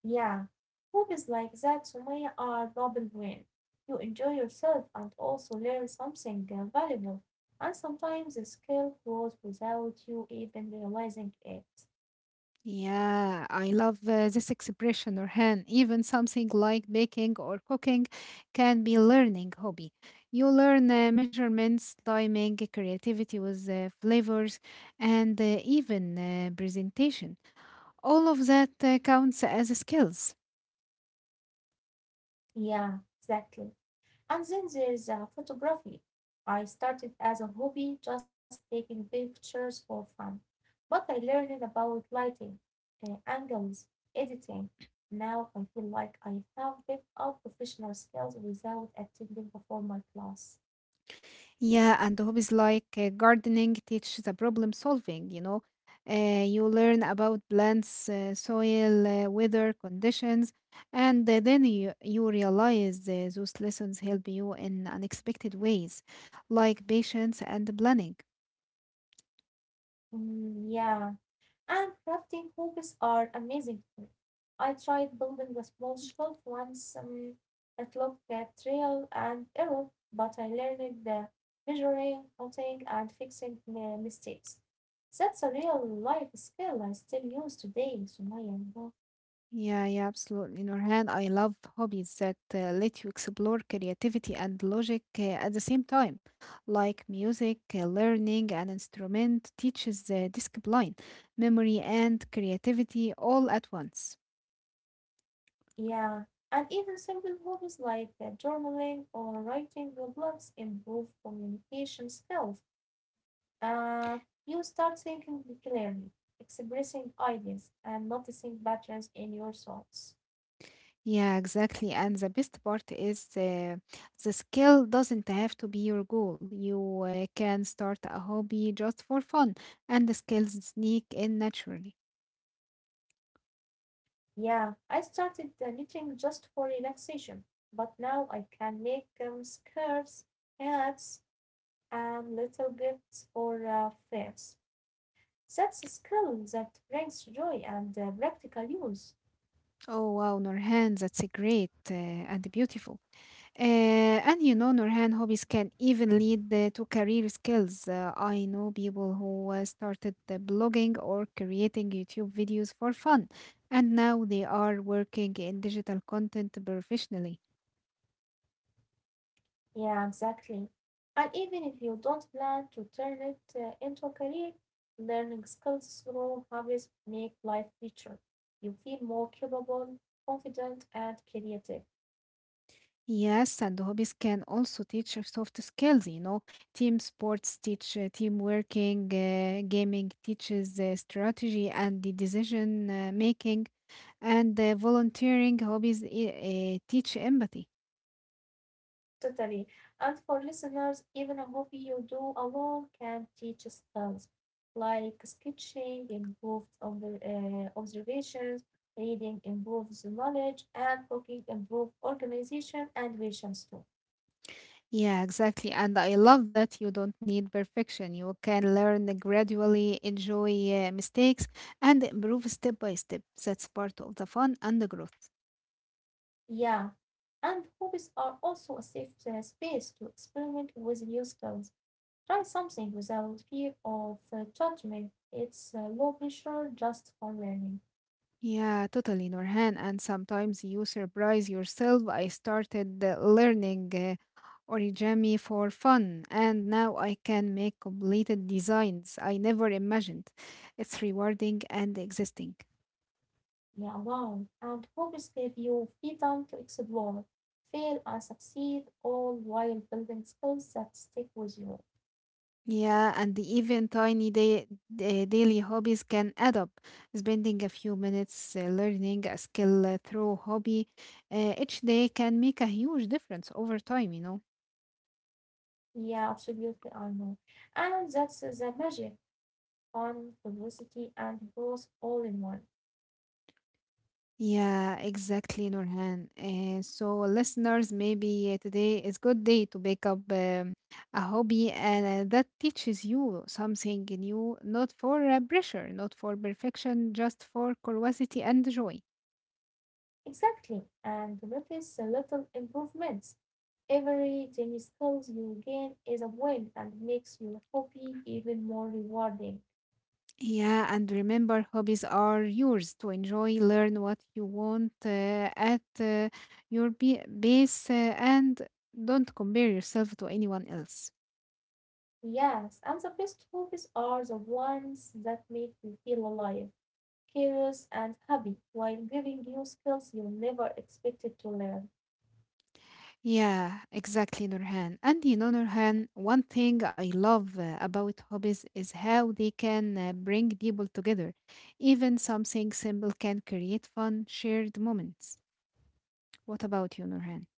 S2: Yeah, movies like that, Sumaya, are double win. You enjoy yourself and also learn something valuable, and sometimes the skill grows without you even realizing it.
S1: Yeah, I love this expression, Orhan. Even something like baking or cooking can be a learning hobby. You learn measurements, timing, creativity with flavors, and even presentation. All of that counts as skills.
S2: Yeah, exactly. And then there's photography. I started as a hobby, just taking pictures for fun, but I learned about lighting, angles, editing. Now I feel like I have picked up professional skills without attending a formal class.
S1: Yeah, and hobbies like gardening teach the problem solving, you know. You learn about plants, soil, weather conditions, and then you realize those lessons help you in unexpected ways, like patience and planning.
S2: Mm, yeah, and crafting hobbies are amazing too. I tried building a small shelf once. It looked at trial and error, but I learned the measuring, cutting, and fixing mistakes. That's a real life skill I still use today, Sumaya, you know.
S1: Yeah, yeah, absolutely. Nurhan, I love hobbies that let you explore creativity and logic at the same time, like music, learning an instrument teaches discipline, memory, and creativity all at once.
S2: Yeah, and even simple hobbies like journaling or writing blogs improve communication skills. Uh, you start thinking clearly, expressing ideas, and noticing patterns in your thoughts.
S1: Yeah, exactly. And the best part is the skill doesn't have to be your goal. You can start a hobby just for fun, and the skills sneak in naturally.
S2: Yeah, I started knitting just for relaxation, but now I can make scarves, hats, and little gifts for friends. That's a skill that brings joy and practical use.
S1: Oh, wow, Nurhan, that's great and beautiful. And you know, Nurhan, hobbies can even lead to career skills. I know people who started the blogging or creating YouTube videos for fun, and now they are working in digital content professionally.
S2: Yeah, exactly. And even if you don't plan to turn it into a career, learning skills through hobbies make life richer. You feel more capable, confident, and creative.
S1: Yes, and hobbies can also teach you soft skills. You know, team sports teach team working, gaming teaches strategy and the decision making, and volunteering hobbies teach empathy.
S2: Totally. And for listeners, even a hobby you do alone can teach skills like sketching improves observations, reading improves knowledge, and cooking improves organization and visions too.
S1: Yeah, exactly. And I love that you don't need perfection. You can learn gradually, enjoy mistakes, and improve step by step. That's part of the fun and the growth.
S2: Yeah. And hobbies are also a safe space to experiment with new skills. Try something without fear of judgment. It's low pressure just for learning.
S1: Yeah, totally, Norhan. And sometimes you surprise yourself. I started learning origami for fun, and now I can make completed designs I never imagined. It's rewarding and existing.
S2: Yeah, wow. And hobbies give you freedom to explore, fail, and succeed, all while building skills that stick with you.
S1: Yeah, and even tiny daily hobbies can add up. Spending a few minutes learning a skill through hobby each day can make a huge difference over time, you know.
S2: Yeah, absolutely, I know. And that's the magic fun, curiosity, and growth all in one.
S1: Yeah, exactly, Nurhan. So, listeners, maybe today is good day to pick up a hobby and that teaches you something new, not for pressure, not for perfection, just for curiosity and joy.
S2: Exactly, and notice the little improvements. Every tiny skill you gain is a win and makes your hobby even more rewarding.
S1: Yeah, and remember, hobbies are yours to enjoy, learn what you want at your base, and don't compare yourself to anyone else.
S2: Yes, and the best hobbies are the ones that make you feel alive, curious, and happy while giving you skills you never expected to learn.
S1: Yeah, exactly, Nurhan. And you know, Nurhan, one thing I love about hobbies is how they can bring people together. Even something simple can create fun, shared moments. What about you, Nurhan?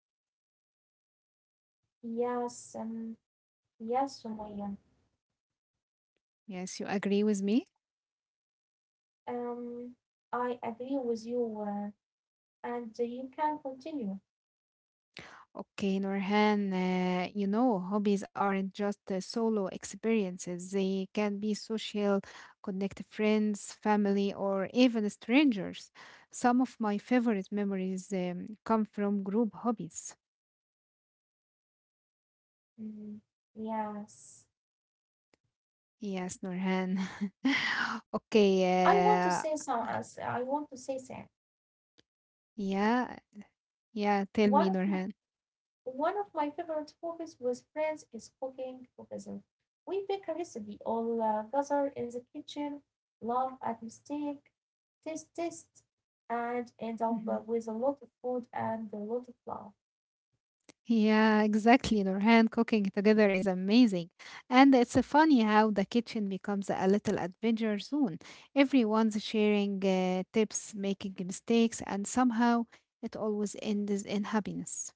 S2: Yes, um, yes, Sumaya.
S1: Yes, you agree with me?
S2: Um, I agree with you, and you can continue.
S1: Okay, Norhan, you know, hobbies aren't just solo experiences. They can be social, connect friends, family, or even strangers. Some of my favorite memories come from group hobbies.
S2: Hmm, yes.
S1: Yes, Norhan.
S2: I want
S1: Okay,
S2: to
S1: uh,
S2: say some. I want to say that
S1: yeah, yeah, tell
S2: one
S1: me,
S2: of m-
S1: Norhan.
S2: one of my favorite hobbies with friends is cooking together. We pick a recipe, all gather in the kitchen, laugh at mistake, taste taste, and end up
S1: Mm-hmm.
S2: with a lot of food and a lot of love.
S1: Yeah, exactly. Nurhan cooking together is amazing. And it's funny how the kitchen becomes a little adventure zone. Everyone's sharing tips, making mistakes, and somehow it always ends in happiness.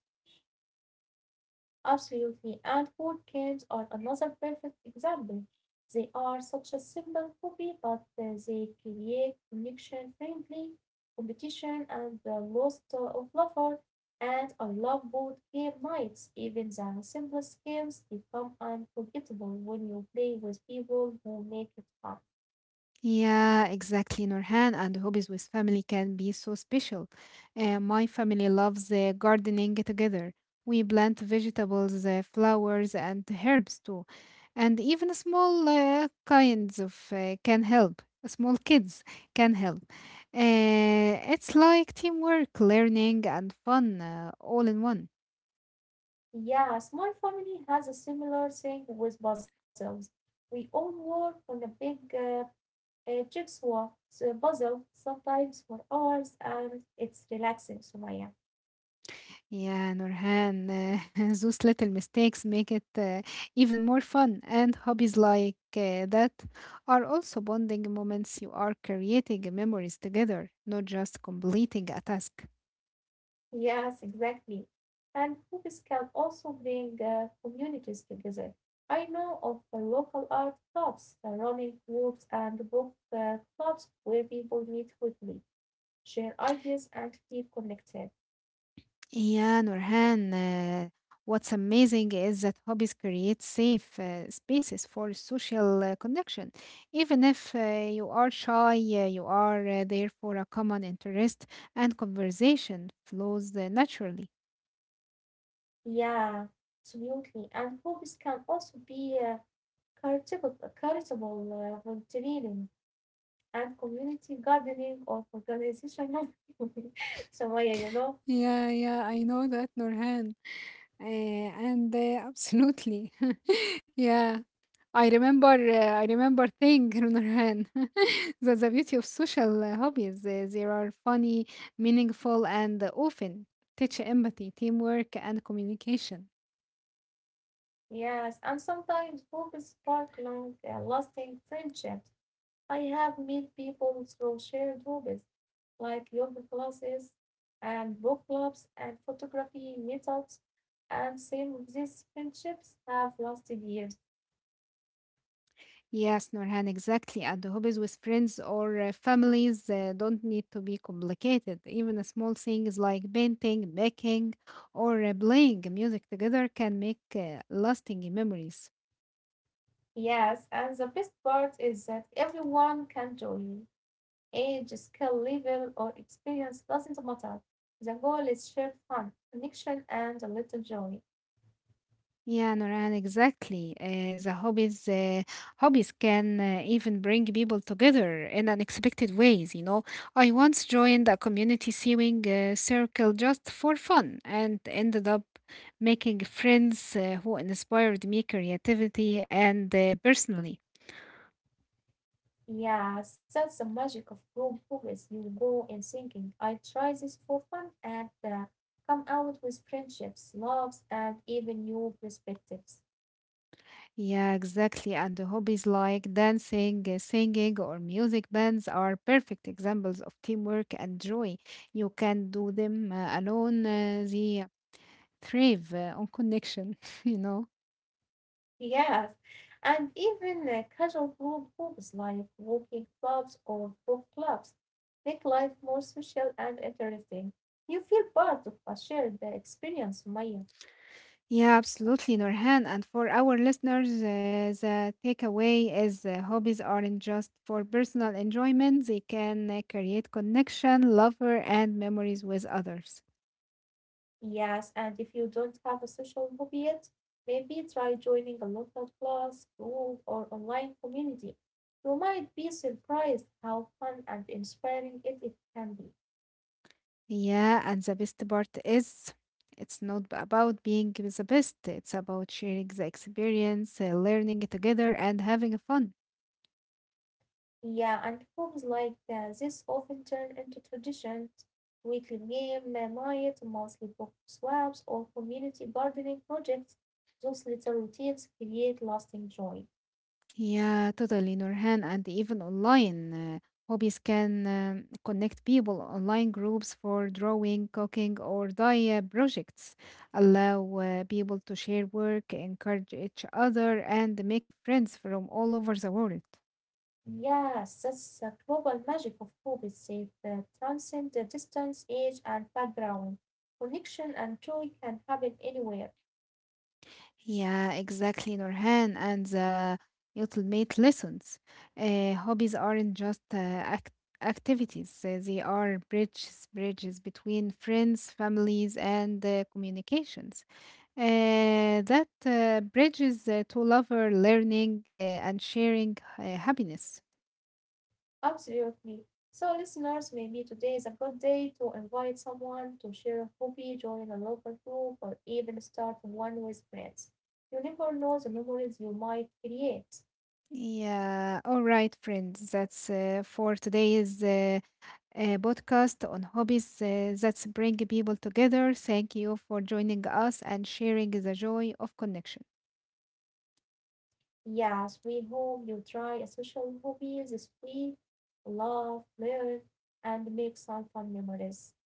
S2: Absolutely. And food cans are another perfect example. They are such a simple hobby, but they create connection, friendly competition, and the lost of lover. And I love board game nights. Even the simplest games become unforgettable when you play with people who make it fun.
S1: Yeah, exactly, Nurhan. And hobbies with family can be so special. My family loves gardening together. We plant vegetables, flowers, and herbs too. And even small kinds of can help. Small kids can help. It's like teamwork, learning, and fun all in one.
S2: Yes, my family has a similar thing with puzzles. We all work on a big checks what? So puzzle, sometimes for hours, and it's relaxing, Sumaya.
S1: Yeah, Nurhan, those little mistakes make it even more fun, and hobbies like that are also bonding moments. You are creating memories together, not just completing a task.
S2: Yes, exactly. And hobbies can also bring communities together. I know of the local art clubs, the running groups, and book clubs where people meet quickly, share ideas, and feel connected.
S1: Yeah, Nurhan, what's amazing is that hobbies create safe spaces for social connection. Even if you are shy, you are there for a common interest, and conversation flows naturally.
S2: Yeah, absolutely. And hobbies can also be charitable volunteering, and community gardening or organizational Shamaya, you know.
S1: Yeah, yeah, I know that, Nurhan. And absolutely. Yeah, I remember thing, Nurhan. That's the beauty of social hobbies. They are funny, meaningful, and often teach empathy, teamwork, and communication.
S2: Yes, and sometimes hobbies spark long lasting friendships. I have met people through shared hobbies like yoga classes and book clubs and photography meetups, and some of these friendships have lasted years.
S1: Yes, Norhan. Exactly. And hobbies with friends or families don't need to be complicated. Even a small things like painting, baking, or playing music together can make lasting memories.
S2: Yes, and the best part is that everyone can join. Age, skill level, or experience doesn't matter. The goal is shared fun, connection, and a little joy.
S1: Yeah, Noran, exactly. The hobbies can even bring people together in unexpected ways. You know, I once joined a community sewing circle just for fun and ended up making friends who inspired me creativity and personally.
S2: Yes, that's the magic of group movies. You go in thinking, I try this for fun, and come out with friendships, loves, and even new perspectives.
S1: Yeah, exactly. And the hobbies like dancing, singing, or music bands are perfect examples of teamwork and joy. You can do them alone. The thrive on connection, you know.
S2: Yes, and even casual group movies like walking clubs or book clubs make life more social and interesting. You feel part of a shared experience, Maya.
S1: Yeah, absolutely, Norhan. And for our listeners, the takeaway is hobbies aren't just for personal enjoyment, they can create connection, lover, and memories with others.
S2: Yes, and if you don't have a social hobby yet, maybe try joining a local class, group, or online community. You might be surprised how fun and inspiring it can be.
S1: Yeah, and the best part is it's not about being the best, it's about sharing the experience, learning together, and having fun.
S2: Yeah, and groups like this often turn into traditions, weekly game night, monthly book swaps, or community gardening projects. Those little routines create lasting joy.
S1: Yeah, totally, Nurhan. And even online hobbies can connect people. Online groups for drawing, cooking, or DIY projects allow people to share work, encourage each other, and make friends from all over the world.
S2: Yes, that's the global magic of food. They safe, transcend the distance, age, and background. Connection and joy can happen anywhere.
S1: Yeah, exactly, Nurhan. And the ultimate lessons. Hobbies aren't just activities. They are bridges, bridges between friends, families, and communications. That bridges to lover learning and sharing happiness.
S2: Absolutely. So, listeners, maybe today is a good day to invite someone to share a hobby, join a local group, or even start one with friends. You never know the memories you might create.
S1: Yeah, all right, friends. That's for today's podcast on hobbies. That's bring people together. Thank you for joining us and sharing the joy of connection.
S2: Yes, we hope you try a social hobby this week, laugh, learn, and make some fun memories.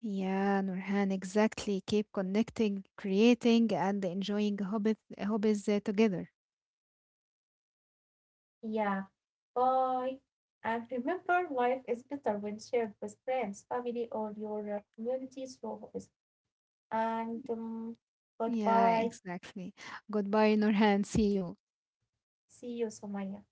S1: Yeah, Nurhan, exactly. Keep connecting, creating, and enjoying hobbies together.
S2: Yeah. Bye. And remember, life is better when shared with friends, family, or your community through hobbies. And
S1: Yeah,
S2: goodbye.
S1: exactly. Goodbye, Nurhan. See you.
S2: See you, Somaya.